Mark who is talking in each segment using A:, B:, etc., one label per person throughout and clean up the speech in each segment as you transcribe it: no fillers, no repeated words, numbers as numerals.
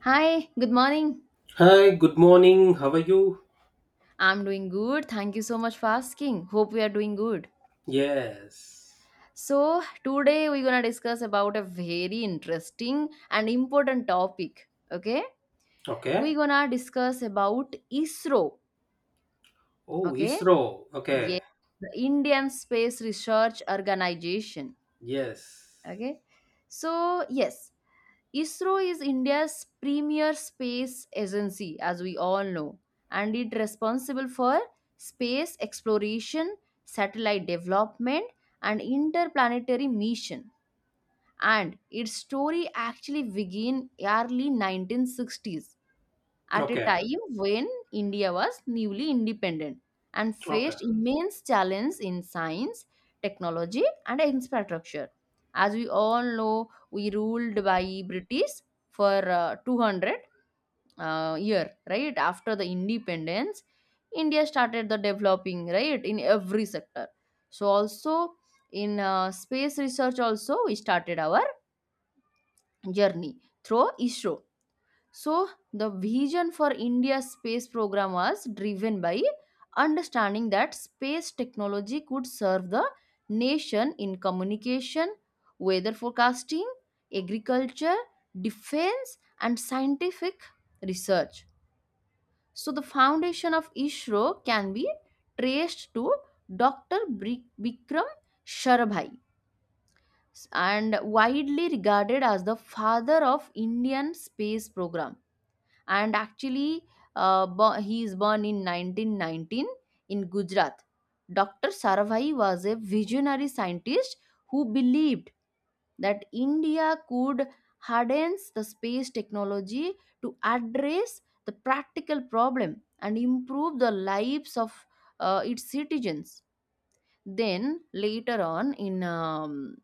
A: Hi, good morning.
B: Hi, good morning. How are you?
A: I'm doing good. Thank you so much for asking. Hope we are doing good.
B: Yes.
A: So, today we're going to discuss about a very interesting and important topic, okay? We're
B: Okay.
A: going to discuss about ISRO,
B: Oh,
A: okay?
B: ISRO. Okay.
A: Yes, the Indian Space Research Organization,
B: Yes.
A: okay? So, yes. ISRO is India's premier space agency, as we all know, and it responsible for space exploration, satellite development, and interplanetary mission. And its story actually began early 1960s at a
B: Okay.
A: time when India was newly independent and
B: Okay.
A: faced immense challenges in science, technology, and infrastructure. As we all know, we ruled by British for 200 year, right? After the independence, India started the developing, right, in every sector. So also in space research also we started our journey through ISRO. So, the vision for India's space program was driven by understanding that space technology could serve the nation in communication, weather forecasting, agriculture, defense, and scientific research. So, the foundation of ISRO can be traced to Dr. Bikram Sarabhai and widely regarded as the father of Indian space program. And actually he is born in 1919 in Gujarat. Dr. Sarvai was a visionary scientist who believed that India could harden the space technology to address the practical problem and improve the lives of its citizens. Then later on in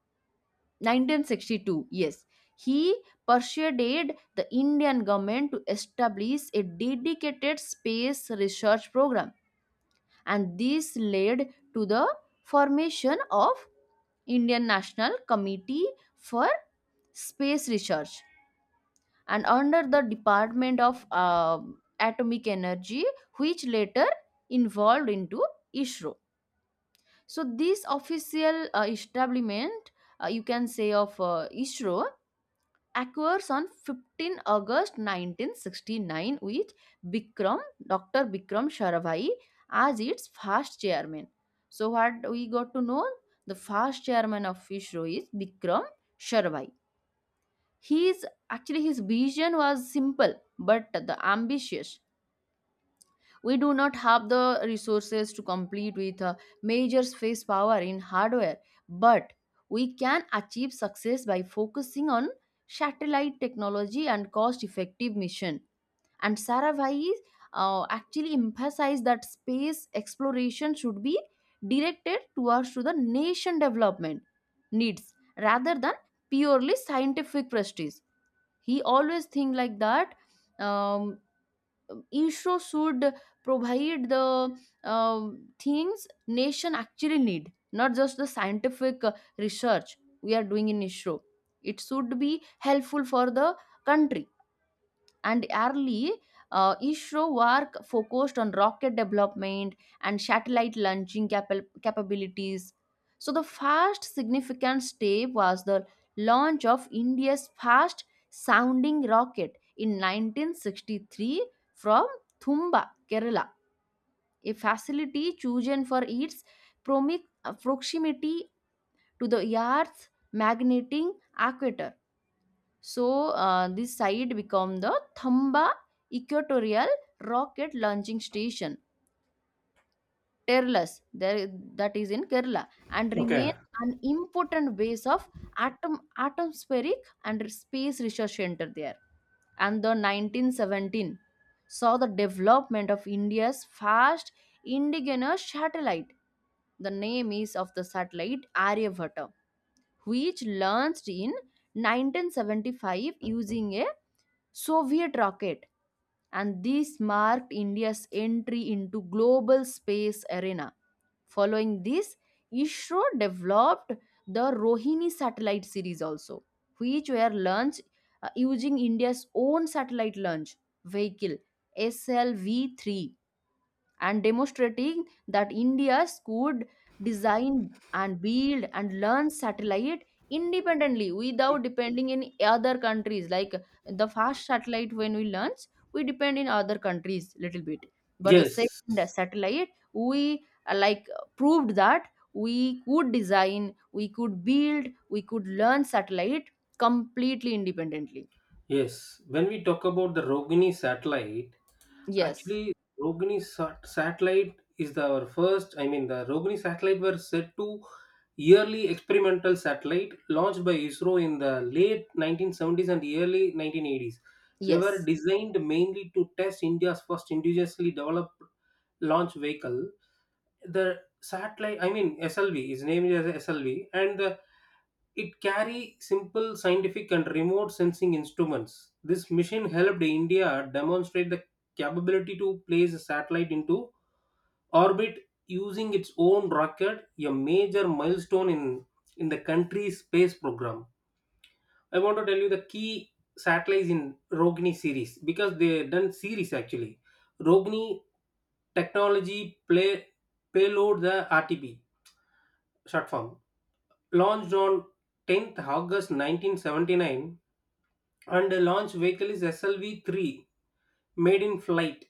A: 1962, yes, he persuaded the Indian government to establish a dedicated space research program, and this led to the formation of Indian National Committee for Space Research and under the Department of Atomic Energy, which later involved into ISRO. So this official establishment, you can say, of ISRO occurs on 15 August 1969 with Bikram, Dr. Bikram Sarabhai as its first chairman. So what we got to know, the first chairman of ISRO is Bikram Sarabhai. His actually his vision was simple but the ambitious. We do not have the resources to compete with major space power in hardware, but we can achieve success by focusing on satellite technology and cost effective mission. And Saravai actually emphasized that space exploration should be directed towards to the nation development needs rather than purely scientific prestige. He always think like that um, ISRO should provide the uh, things nation actually need, not just the scientific research we are doing in ISRO. It should be helpful for the country. And early ISRO work focused on rocket development and satellite launching capabilities. So, the first significant step was the launch of India's first sounding rocket in 1963 from Thumba, Kerala, a facility chosen for its proximity to the Earth's magnetic equator. So this site become the Thamba Equatorial Rocket Launching Station, Terlas, there, that is in Kerala, and
B: Okay.
A: remain an important base of atom atmospheric and space research center there. And the 1917 saw the development of India's first indigenous satellite. The name is of the satellite Aryabhata, which launched in 1975 using a Soviet rocket, and this marked India's entry into global space arena. Following this, ISRO developed the Rohini satellite series also, which were launched using India's own satellite launch vehicle SLV-3, and demonstrating that India could design and build and learn satellite independently without depending in other countries. Like, the first satellite when we launch, we depend in other countries little bit, but the
B: Yes.
A: second satellite we like proved that we could design, we could build, we could learn satellite completely independently.
B: Yes. When we talk about the Rogini satellite,
A: Yes,
B: actually, satellite is the, our first, I mean, the Rogini satellite were set to yearly experimental satellite launched by ISRO in the late 1970s and early 1980s. They were
A: yes.
B: designed mainly to test India's first indigenously developed launch vehicle. The satellite, I mean, SLV is named as SLV, and the it carry simple scientific and remote sensing instruments. This mission helped India demonstrate the capability to place a satellite into orbit using its own rocket, a major milestone in the country's space program. I want to tell you the key satellites in Rogni series because they done series actually. Rogni technology play payload, the RTP short form, launched on 10th August 1979, and the launch vehicle is SLV-3, made in flight,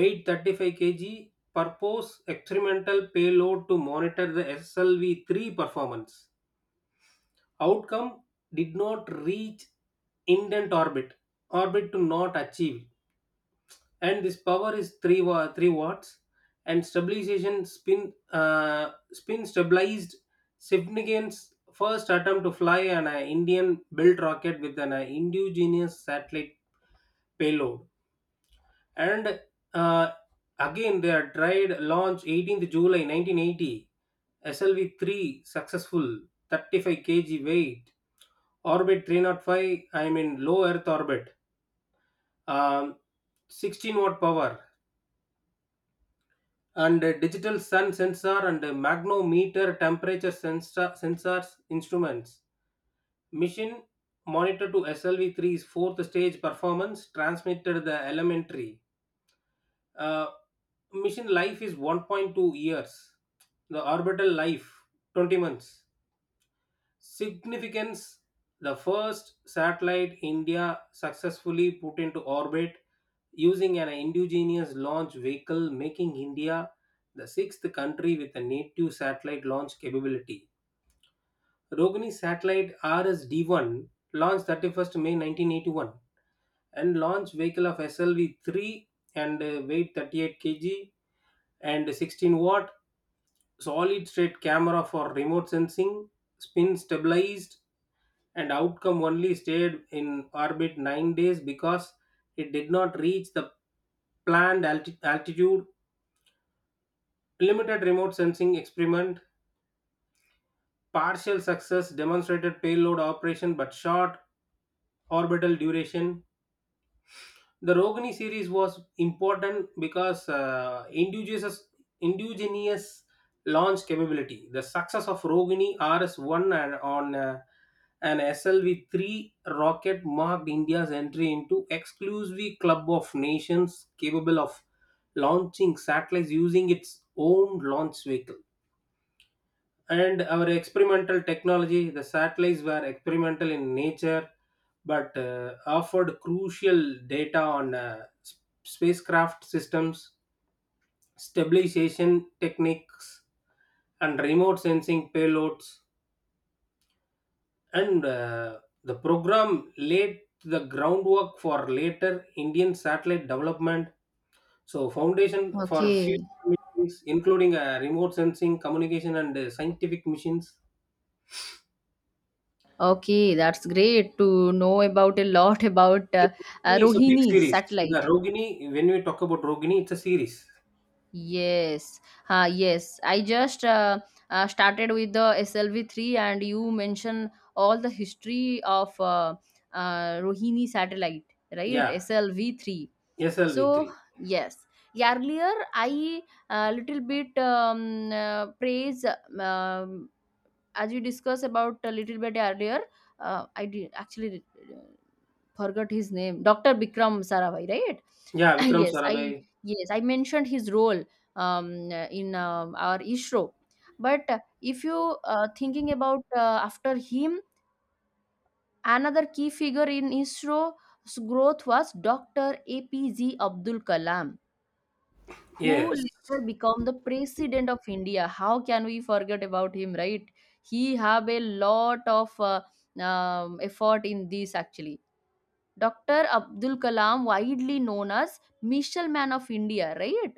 B: weight 35 kg, purpose experimental payload to monitor the SLV-3 performance. Outcome: did not reach intent orbit, orbit to not achieve. And this power is 3 watts, and stabilization spin, uh, spin stabilized. Significance: first attempt to fly an indian built rocket with an indigenous satellite payload. And uh, again they are tried launch 18th july 1980, slv3, successful, 35 kg weight, orbit 305, I mean low earth orbit, um, 16-watt power, and a digital sun sensor and a magnometer, temperature sensors instruments. Mission monitor to slv three's fourth stage performance, transmitted the elementary, uh, mission life is 1.2 years, the orbital life 20 months. Significance: the first satellite India successfully put into orbit using an indigenous launch vehicle, making India the sixth country with a native satellite launch capability. Rogini satellite RSD-1 launched 31st May 1981, and launch vehicle of SLV-3, and weight 38 kg, and 16-watt solid state camera for remote sensing, spin stabilized. And outcome, only stayed in orbit 9 days because it did not reach the planned altitude, limited remote sensing experiment, partial success demonstrated payload operation but short orbital duration. The Rogini series was important because indigenous launch capability. The success of Rogini RS-1 and on an SLV-3 rocket marked India's entry into exclusive club of nations capable of launching satellites using its own launch vehicle. And our experimental technology, the satellites were experimental in nature but offered crucial data on spacecraft systems, stabilization techniques, and remote sensing payloads. And The program laid the groundwork for later indian satellite development, so foundation for
A: Okay.
B: future missions including remote sensing, communication, and scientific missions.
A: Okay, that's great to know about a lot about
B: See, Rogini is a big
A: Rohini
B: series. Yeah,
A: satellite.
B: Rogini, when we talk about Rogini, it's a series.
A: Yes, yes. I just started with the SLV-3, and you mentioned all the history of Rohini satellite, right?
B: Yeah,
A: SLV-3. So
B: SLV3.
A: yes, earlier I a little bit praise, um, as we discussed about a little bit earlier. I did actually. Forgot his name, Dr. Bikram Sarabhai, right?
B: Yeah, Vikram
A: yes i
B: Sarabhai.
A: yes, I mentioned his role um, in our ISRO, but if you thinking about after him, another key figure in ISRO's growth was Dr. APJ Abdul Kalam, who
B: Yes,
A: later became the President of India. How can we forget about him, right? He have a lot of effort in this actually. Dr. Abdul Kalam, widely known as Missile Man of India, right?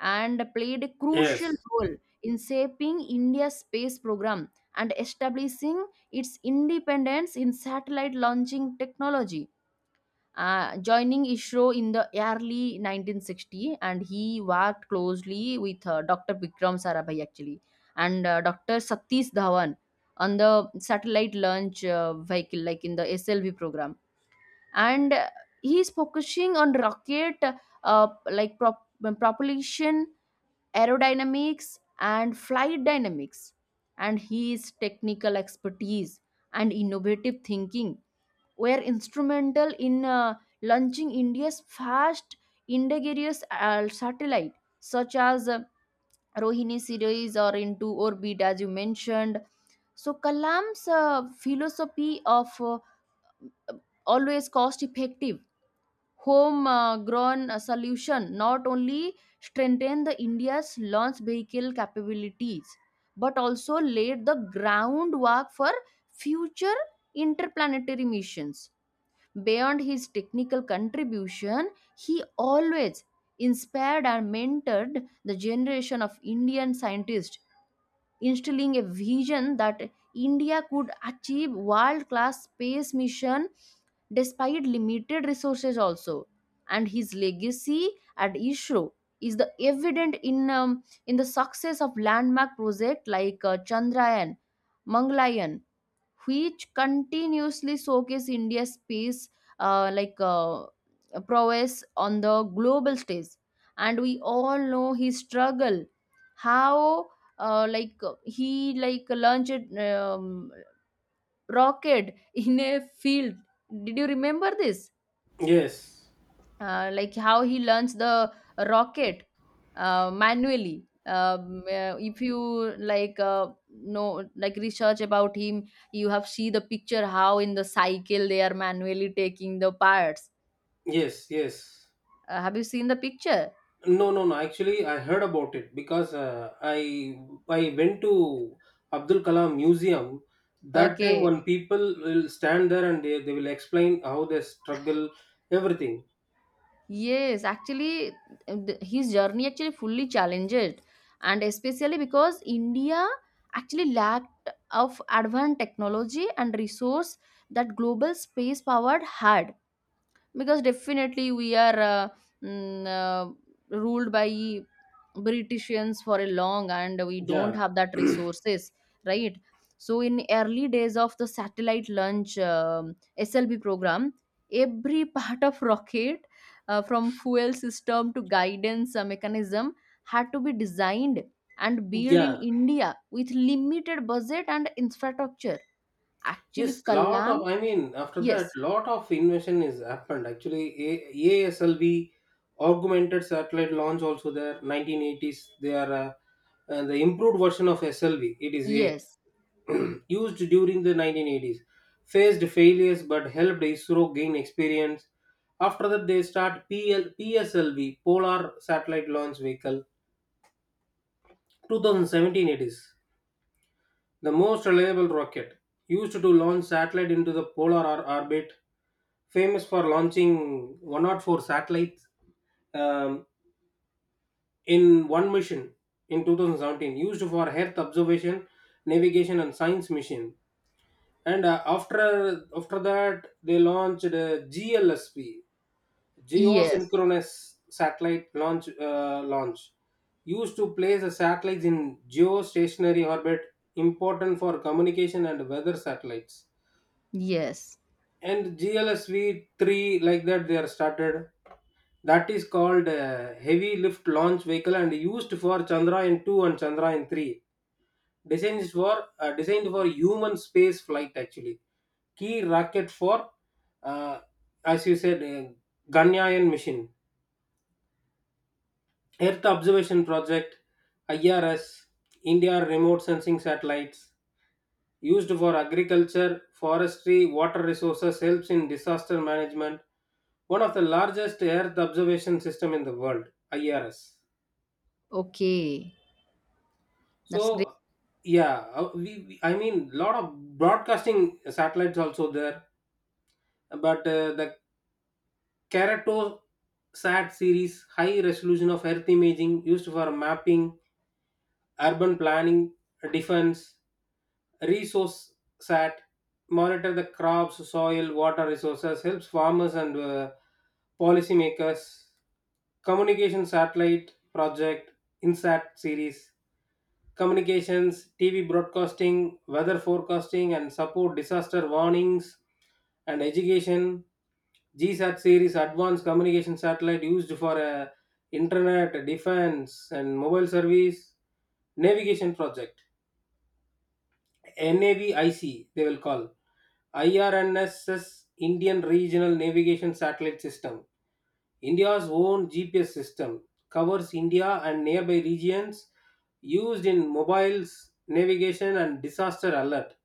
A: And played a crucial
B: yes,
A: role in shaping India's space program and establishing its independence in satellite launching technology. Joining ISRO in the early 1960, and he worked closely with Dr. Vikram Sarabhai actually, and Dr. Satish Dhawan on the satellite launch vehicle, like in the SLV program. And he is focusing on rocket uh, like prop- propulsion, aerodynamics, and flight dynamics. And his technical expertise and innovative thinking were instrumental in launching India's first indigenous satellite, such as Rohini series or into orbit, as you mentioned. So Kalam's philosophy of always cost effective home grown solution not only strengthen the India's launch vehicle capabilities, but also laid the groundwork for future interplanetary missions. Beyond his technical contribution, he always inspired and mentored the generation of Indian scientists, instilling a vision that India could achieve world class space mission despite limited resources also. And his legacy at ISRO is the evident in the success of landmark project like Chandrayaan, Mangalayan, which continuously showcase India's peace, uh, like uh, prowess on the global stage. And we all know his struggle, how he like launched rocket in a field. Did you remember this?
B: yes,
A: Like how he learns the rocket manually, if you like know like research about him, you have see the picture how in the cycle they are manually taking the parts.
B: yes, yes.
A: Have you seen the picture?
B: No, no, no. Actually, I heard about it because I went to Abdul Kalam Museum. That time,
A: Okay.
B: when people will stand there and they will explain how they struggle, everything.
A: Yes, actually his journey actually fully challenged, and especially because India actually lacked of advanced technology and resource that global space powered had, because definitely we are ruled by britishans for a long and we don't
B: Yeah,
A: have that resources, right? So in early days of the satellite launch SLB program, every part of rocket from fuel system to guidance mechanism had to be designed and built in
B: yeah.
A: India with limited budget and infrastructure. Actually
B: Yes, lot
A: Kalam.
B: of, I mean, after that,
A: Yes,
B: lot of invention is happened. ASLV, augmented satellite launch, also there, 1980s. They are uh, and the improved version of SLV, it is A,
A: yes,
B: used during the 1980s, faced failures but helped ISRO gain experience. After that, they start PSLV, Polar Satellite Launch Vehicle, 2017 it is. The most reliable rocket used to launch satellite into the orbit, famous for launching 104 satellites um, in one mission in 2017, used for Earth observation, navigation, and science mission. And after that, they launched GLSP,
A: yes.
B: geosynchronous satellite launch, used to place the satellites in geostationary orbit, important for communication and weather satellites.
A: Yes.
B: And glsv 3, like that they are started. That is called heavy lift launch vehicle and used for chandrayaan 2 and chandrayaan 3, designed for human space flight actually, key rocket for uh, as you said ganyayan mission. Earth Observation Project, IRS, India Remote Sensing Satellites, used for agriculture, forestry, water resources, helps in disaster management. One of the largest Earth observation system in the world, IRS.
A: Okay. That's great.
B: So, yeah, I mean, lot of broadcasting satellites also there, but the Kerato Sat series, high resolution of Earth imaging used for mapping, urban planning, defense. Resource sat, monitor the crops, soil, water resources, helps farmers and policymakers. Communication satellite project, insat series, communications, tv broadcasting, weather forecasting, and support disaster warnings and education. Gsat series, advanced communication satellite used for internet, defense, and mobile service. Navigation project, navic they will call, IRNSS Indian Regional Navigation Satellite System, India's own GPS system, covers India and nearby regions, used in mobiles, navigation, and disaster alert.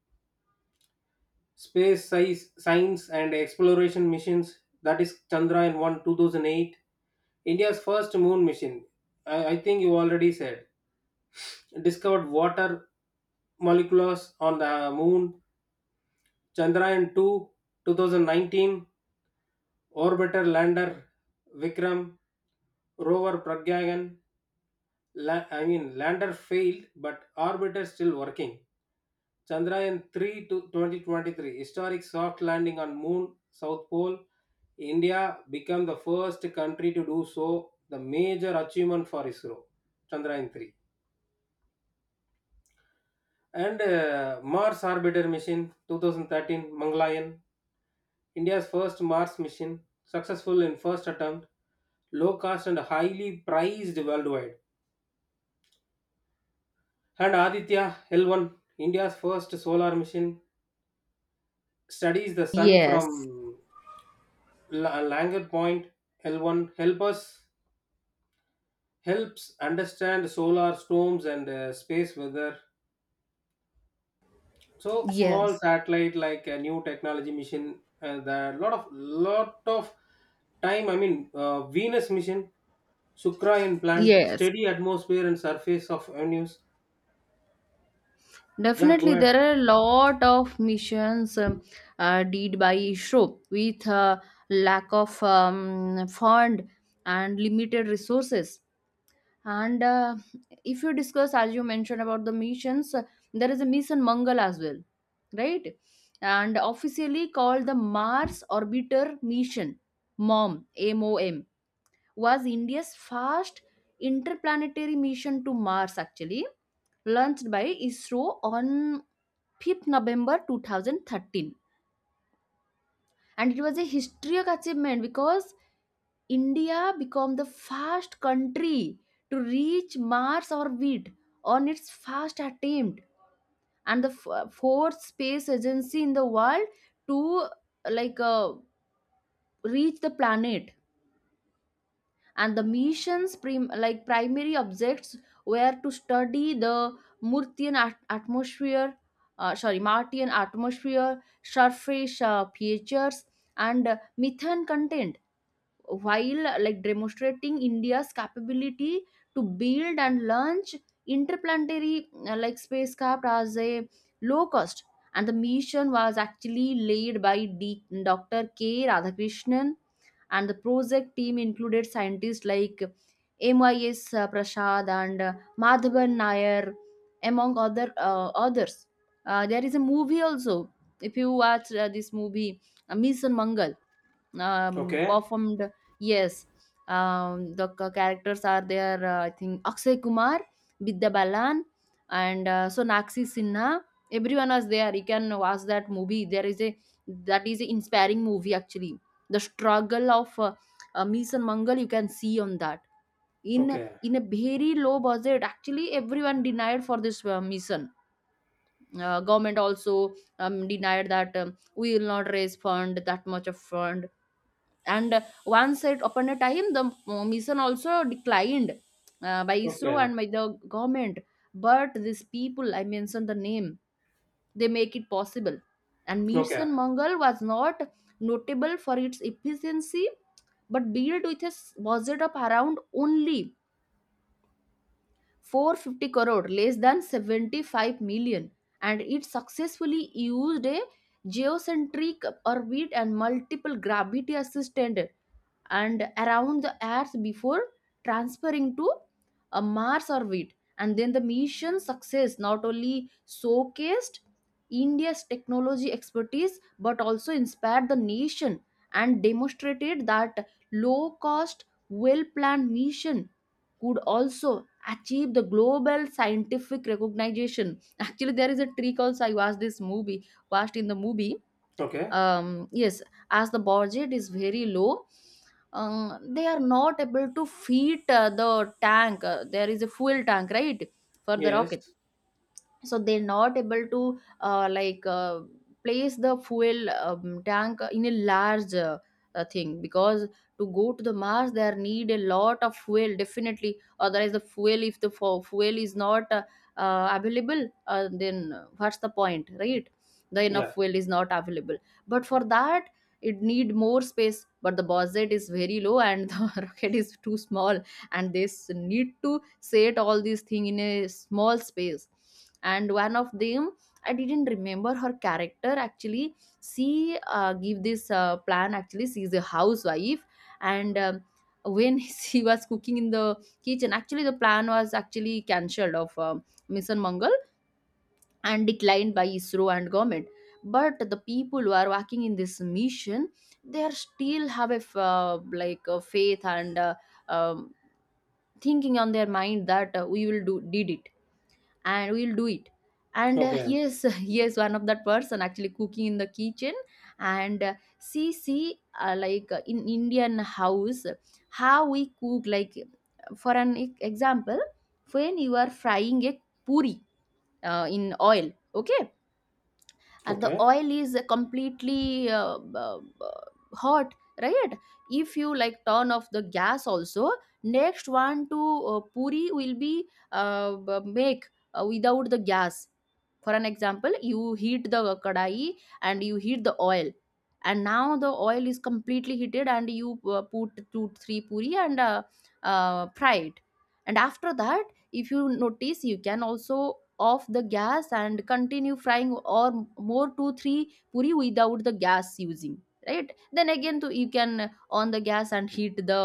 B: Space size, science, and exploration missions. That is Chandrayaan 1 2008, India's first moon mission. I think you already said. Discovered water molecules on the moon. Chandrayaan 2 2019, orbiter lander Vikram, rover Pragyan, I mean lander failed but orbiter still working. Chandrayaan 3 to 2023, historic soft landing on moon south pole. India become the first country to do so, the major achievement for ISRO. Chandrayaan 3. And Mars Orbiter Mission 2013, Mangalyaan, India's first Mars mission, successful in first attempt, low cost and highly prized worldwide. And Aditya L1, India's first solar mission, studies the sun
A: Yes.
B: from Langer Point. L1 helps understand solar storms and space weather. So small
A: Yes.
B: satellite, like a new technology mission, there are lot of time, I mean, venus mission, sukra implant,
A: Yes.
B: steady atmosphere and surface of venus. Yeah, go
A: Definitely,
B: ahead.
A: there are a lot of missions did by ISRO with lack of fund and limited resources. And if you discuss, as you mentioned about the missions, there is a mission Mangal as well, right? And officially called the Mars Orbiter Mission, MOM, MOM was India's first interplanetary mission to Mars, actually, launched by ISRO on 5th November 2013. And it was a historic achievement because India became the first country to reach Mars orbit on its first attempt, and the fourth space agency in the world to like uh, reach the planet. And the mission's like primary objects were to study the Murtian atmosphere, sorry, Martian atmosphere, surface features, and methane content, while like demonstrating India's capability to build and launch interplanetary spacecraft as a low cost. And the mission was actually led by Dr. K. Radhakrishnan, and the project team included scientists like MIS Prasad and Madhavan Nair, among other others. There is a movie also. If you watch this movie, Mission Mangal,
B: Okay.
A: performed. Yes. The characters are there. I think Akshay Kumar, Vidya Balan, and Sonakshi Sinha, everyone was there. You can watch that movie. There is a, that is an inspiring movie actually. The struggle of Mies and Mangal you can see on that, in
B: Okay.
A: in a very low budget. Actually everyone denied for this mission. Government also denied that we will not raise fund, that much of fund. And once it upon a time, the mission also declined by ISRO
B: Okay.
A: and by the government. But these people I mentioned the name, they make it possible. And
B: Okay.
A: Mission Mangal was not notable for its efficiency, but built with a budget of around only 450 crore, less than 75 million. And it successfully used a geocentric orbit and multiple gravity assisted and around the earth before transferring to a Mars orbit. And then the mission success not only showcased India's technology expertise but also inspired the nation and demonstrated that low cost, well planned mission could also achieve the global scientific recognition. Actually, there is a trick also. I watched this movie, watched in the movie
B: Okay.
A: yes, as the budget is very low, they are not able to feed the tank. There is a fuel tank, right, for the rocket,
B: Yes.
A: so they're not able to place the fuel tank in a large thing, because to go to the mars there need a lot of fuel definitely. Otherwise, the fuel, if the fuel is not available, then what's the point, right? The
B: Yeah.
A: enough fuel is not available. But for that it need more space, but the budget is very low and the rocket is too small, and they need to say all these things in a small space. And one of them, I didn't remember her character actually. She give this plan. Actually, she's a housewife, and when she was cooking in the kitchen, actually the plan was actually cancelled of mission mangal and declined by isro and government. But the people who are working in this mission, they are still have a f- like a faith and um, thinking on their mind that we will do did it and we will do it. And
B: Okay.
A: yes, yes, one of that person actually cooking in the kitchen. And see see in indian house how we cook, like, for an example, when you are frying a puri in oil, okay, and the
B: Okay.
A: oil is completely uh, hot, right? If you like turn off the gas also, next one to puri will be uh, make without the gas. For an example, you heat the kadai and you heat the oil, and now the oil is completely heated and you put 2 3 puri and fry it. And after that, if you notice, you can also off the gas and continue frying or more 2 3 puri without the gas using, right? Then again to you can on the gas and heat the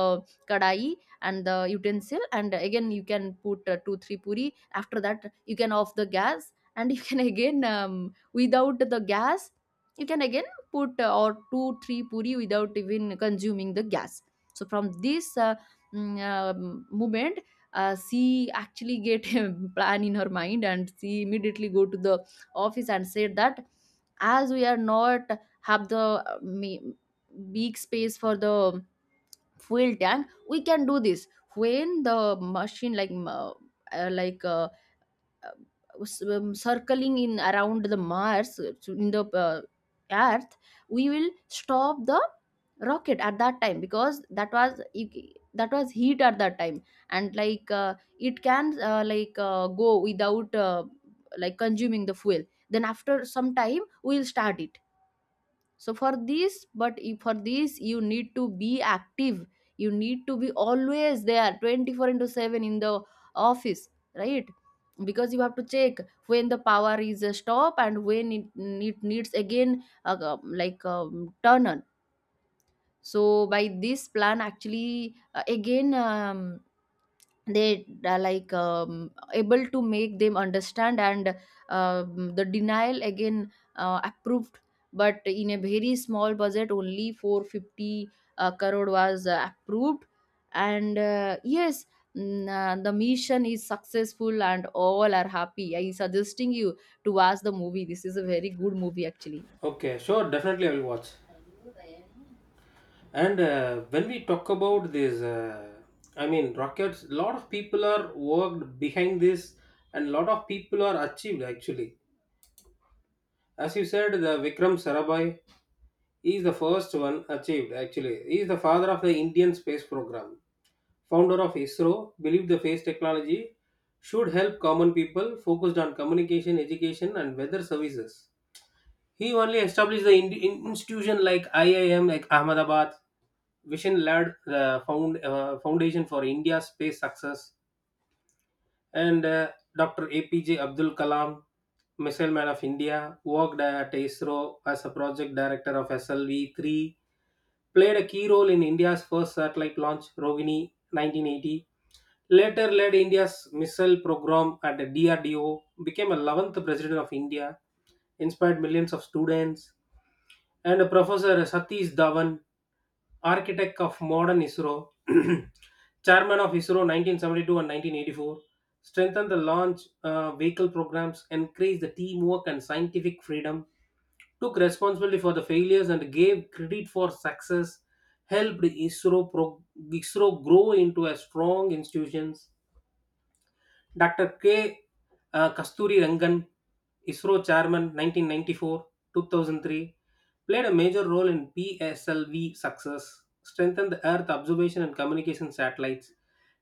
A: kadai and the utensil, and again you can put 2 3 puri. After that you can off the gas and you can again, without the gas you can again put or 2 3 puri without even consuming the gas. So from this movement, she actually get a plan in her mind, and she immediately go to the office and said that as we are not have the big space for the fuel tank, we can do this. When the machine, like circling in around the mars in the earth, we will stop the rocket at that time, because that was heat at that time, and like it can go without consuming the fuel. Then after some time we will start it. So for this, for this you need to be active, you need to be always there 24 into 7 in the office, right? Because you have to check when the power is stop, and when it needs again turn on. So by this plan actually, again they are like able to make them understand, and the denial again approved, but in a very small budget only 450 crore was approved. And yes, the mission is successful and all are happy. I suggesting you to watch the movie. This is a very good movie actually.
B: Okay, sure, definitely I will watch. And when we talk about this, I mean rockets, lot of people are worked behind this, and lot of people are achieved actually. As you said, the Vikram Sarabhai is the first one achieved actually. He is the father of the Indian space program, founder of ISRO, believed the space technology should help common people, focused on communication, education, and weather services. He only established the institution like IIM, like Ahmedabad, Vision Lad, the Foundation for India's Space Success. And Dr. APJ Abdul Kalam, Missile Man of India, worked at ISRO as a project director of SLV-3, played a key role in India's first satellite launch, Rohini 1980, later led India's missile program at the DRDO, became 11th President of India, inspired millions of students. And Professor Satish Dhawan, architect of modern ISRO, chairman of ISRO 1972 and 1984, strengthened the launch vehicle programs, increased the teamwork and scientific freedom, took responsibility for the failures and gave credit for success, helped ISRO grow into a strong institution. Dr. K. Kasturi Rangan, ISRO chairman 1994 2003, played a major role in PSLV success, strengthened the Earth observation and communication satellites,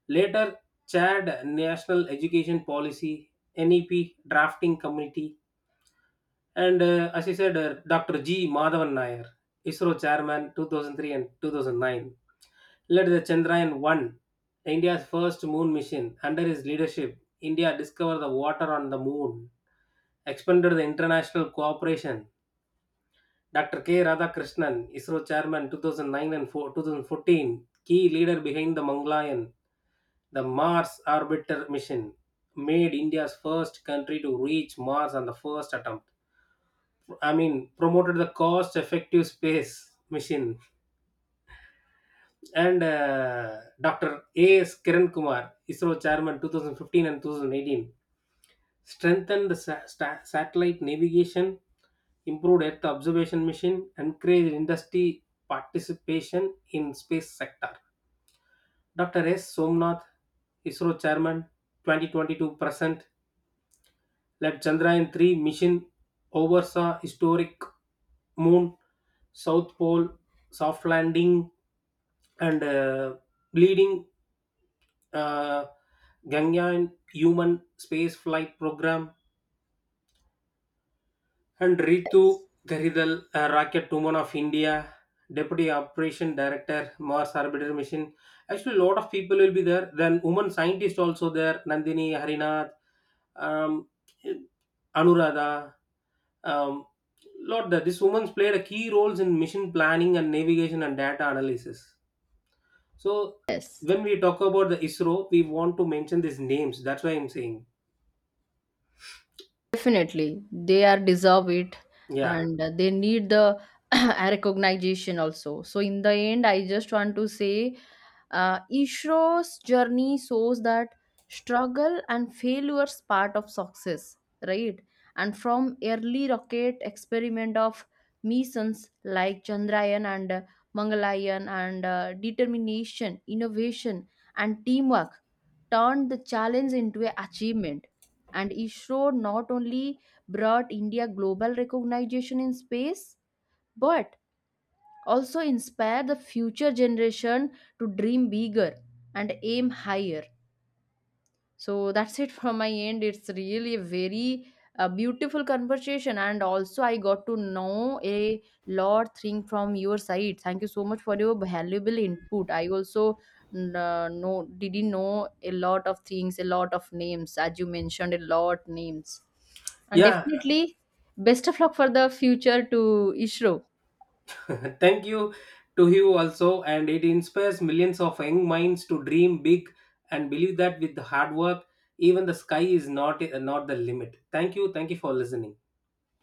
B: later chaired National Education Policy, NEP, drafting committee. And Dr. G. Madhavan Nair, ISRO chairman 2003 and 2009, led the Chandrayaan 1, India's first moon mission. Under his leadership, India discovered the water on the moon, expanded the international cooperation. Dr. K. Radhakrishnan, ISRO chairman 2009 and 2014, key leader behind the Mangalyaan, the Mars Orbiter mission, made India's first country to reach Mars on the first attempt. I mean, promoted the cost effective space mission. And Dr. A.S. Kiran Kumar, ISRO chairman 2015 and 2018, strengthened the satellite navigation, improved Earth observation mission, encouraged industry participation in space sector. Dr. S. Somnath, ISRO chairman 2022 present, let Chandrayaan-3 mission, oversaw historic moon South Pole soft landing, and leading uh, Ganyan human space flight program. And Ritu
A: Yes,
B: Garidal, a rocket woman of India, deputy operation director, Mars Orbiter Mission. Actually, a lot of people will be there. Then woman scientist also there, Nandini Harinath, um, Anuradha. Um, Lot that this women played a key roles in mission planning and navigation and data analysis. So
A: yes.
B: when we talk about the ISRO, we want to mention these names. That's why I'm saying,
A: Definitely, they are deserve it,
B: yeah,
A: and they need the recognition also. So in the end, I just want to say, Isro's journey shows that struggle and failures part of success, right? And from early rocket experiment of missions like Chandrayaan and Mangalayaan and determination, innovation, and teamwork turned the challenge into a achievement, and ISRO not only brought India global recognition in space but also inspired the future generation to dream bigger and aim higher. So that's it from my end. It's really a very beautiful conversation, and also I got to know a lot thing from your side. Thank you so much for your valuable input. I also n- know didn't know a lot of things, a lot of names, as you mentioned, a lot names, and
B: yeah.
A: definitely best of luck for the future to Ishro.
B: Thank you to you also, and it inspires millions of young minds to dream big and believe that with the hard work, even the sky is not the limit. Thank you for listening.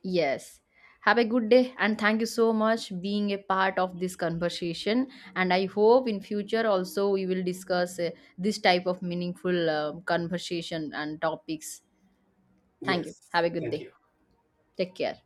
A: Yes. Have a good day, and thank you so much being a part of this conversation, and I hope in future also we will discuss this type of meaningful conversation and topics. Thank you.
B: Yes,
A: Have a good
B: thank
A: day.
B: you.
A: Take care.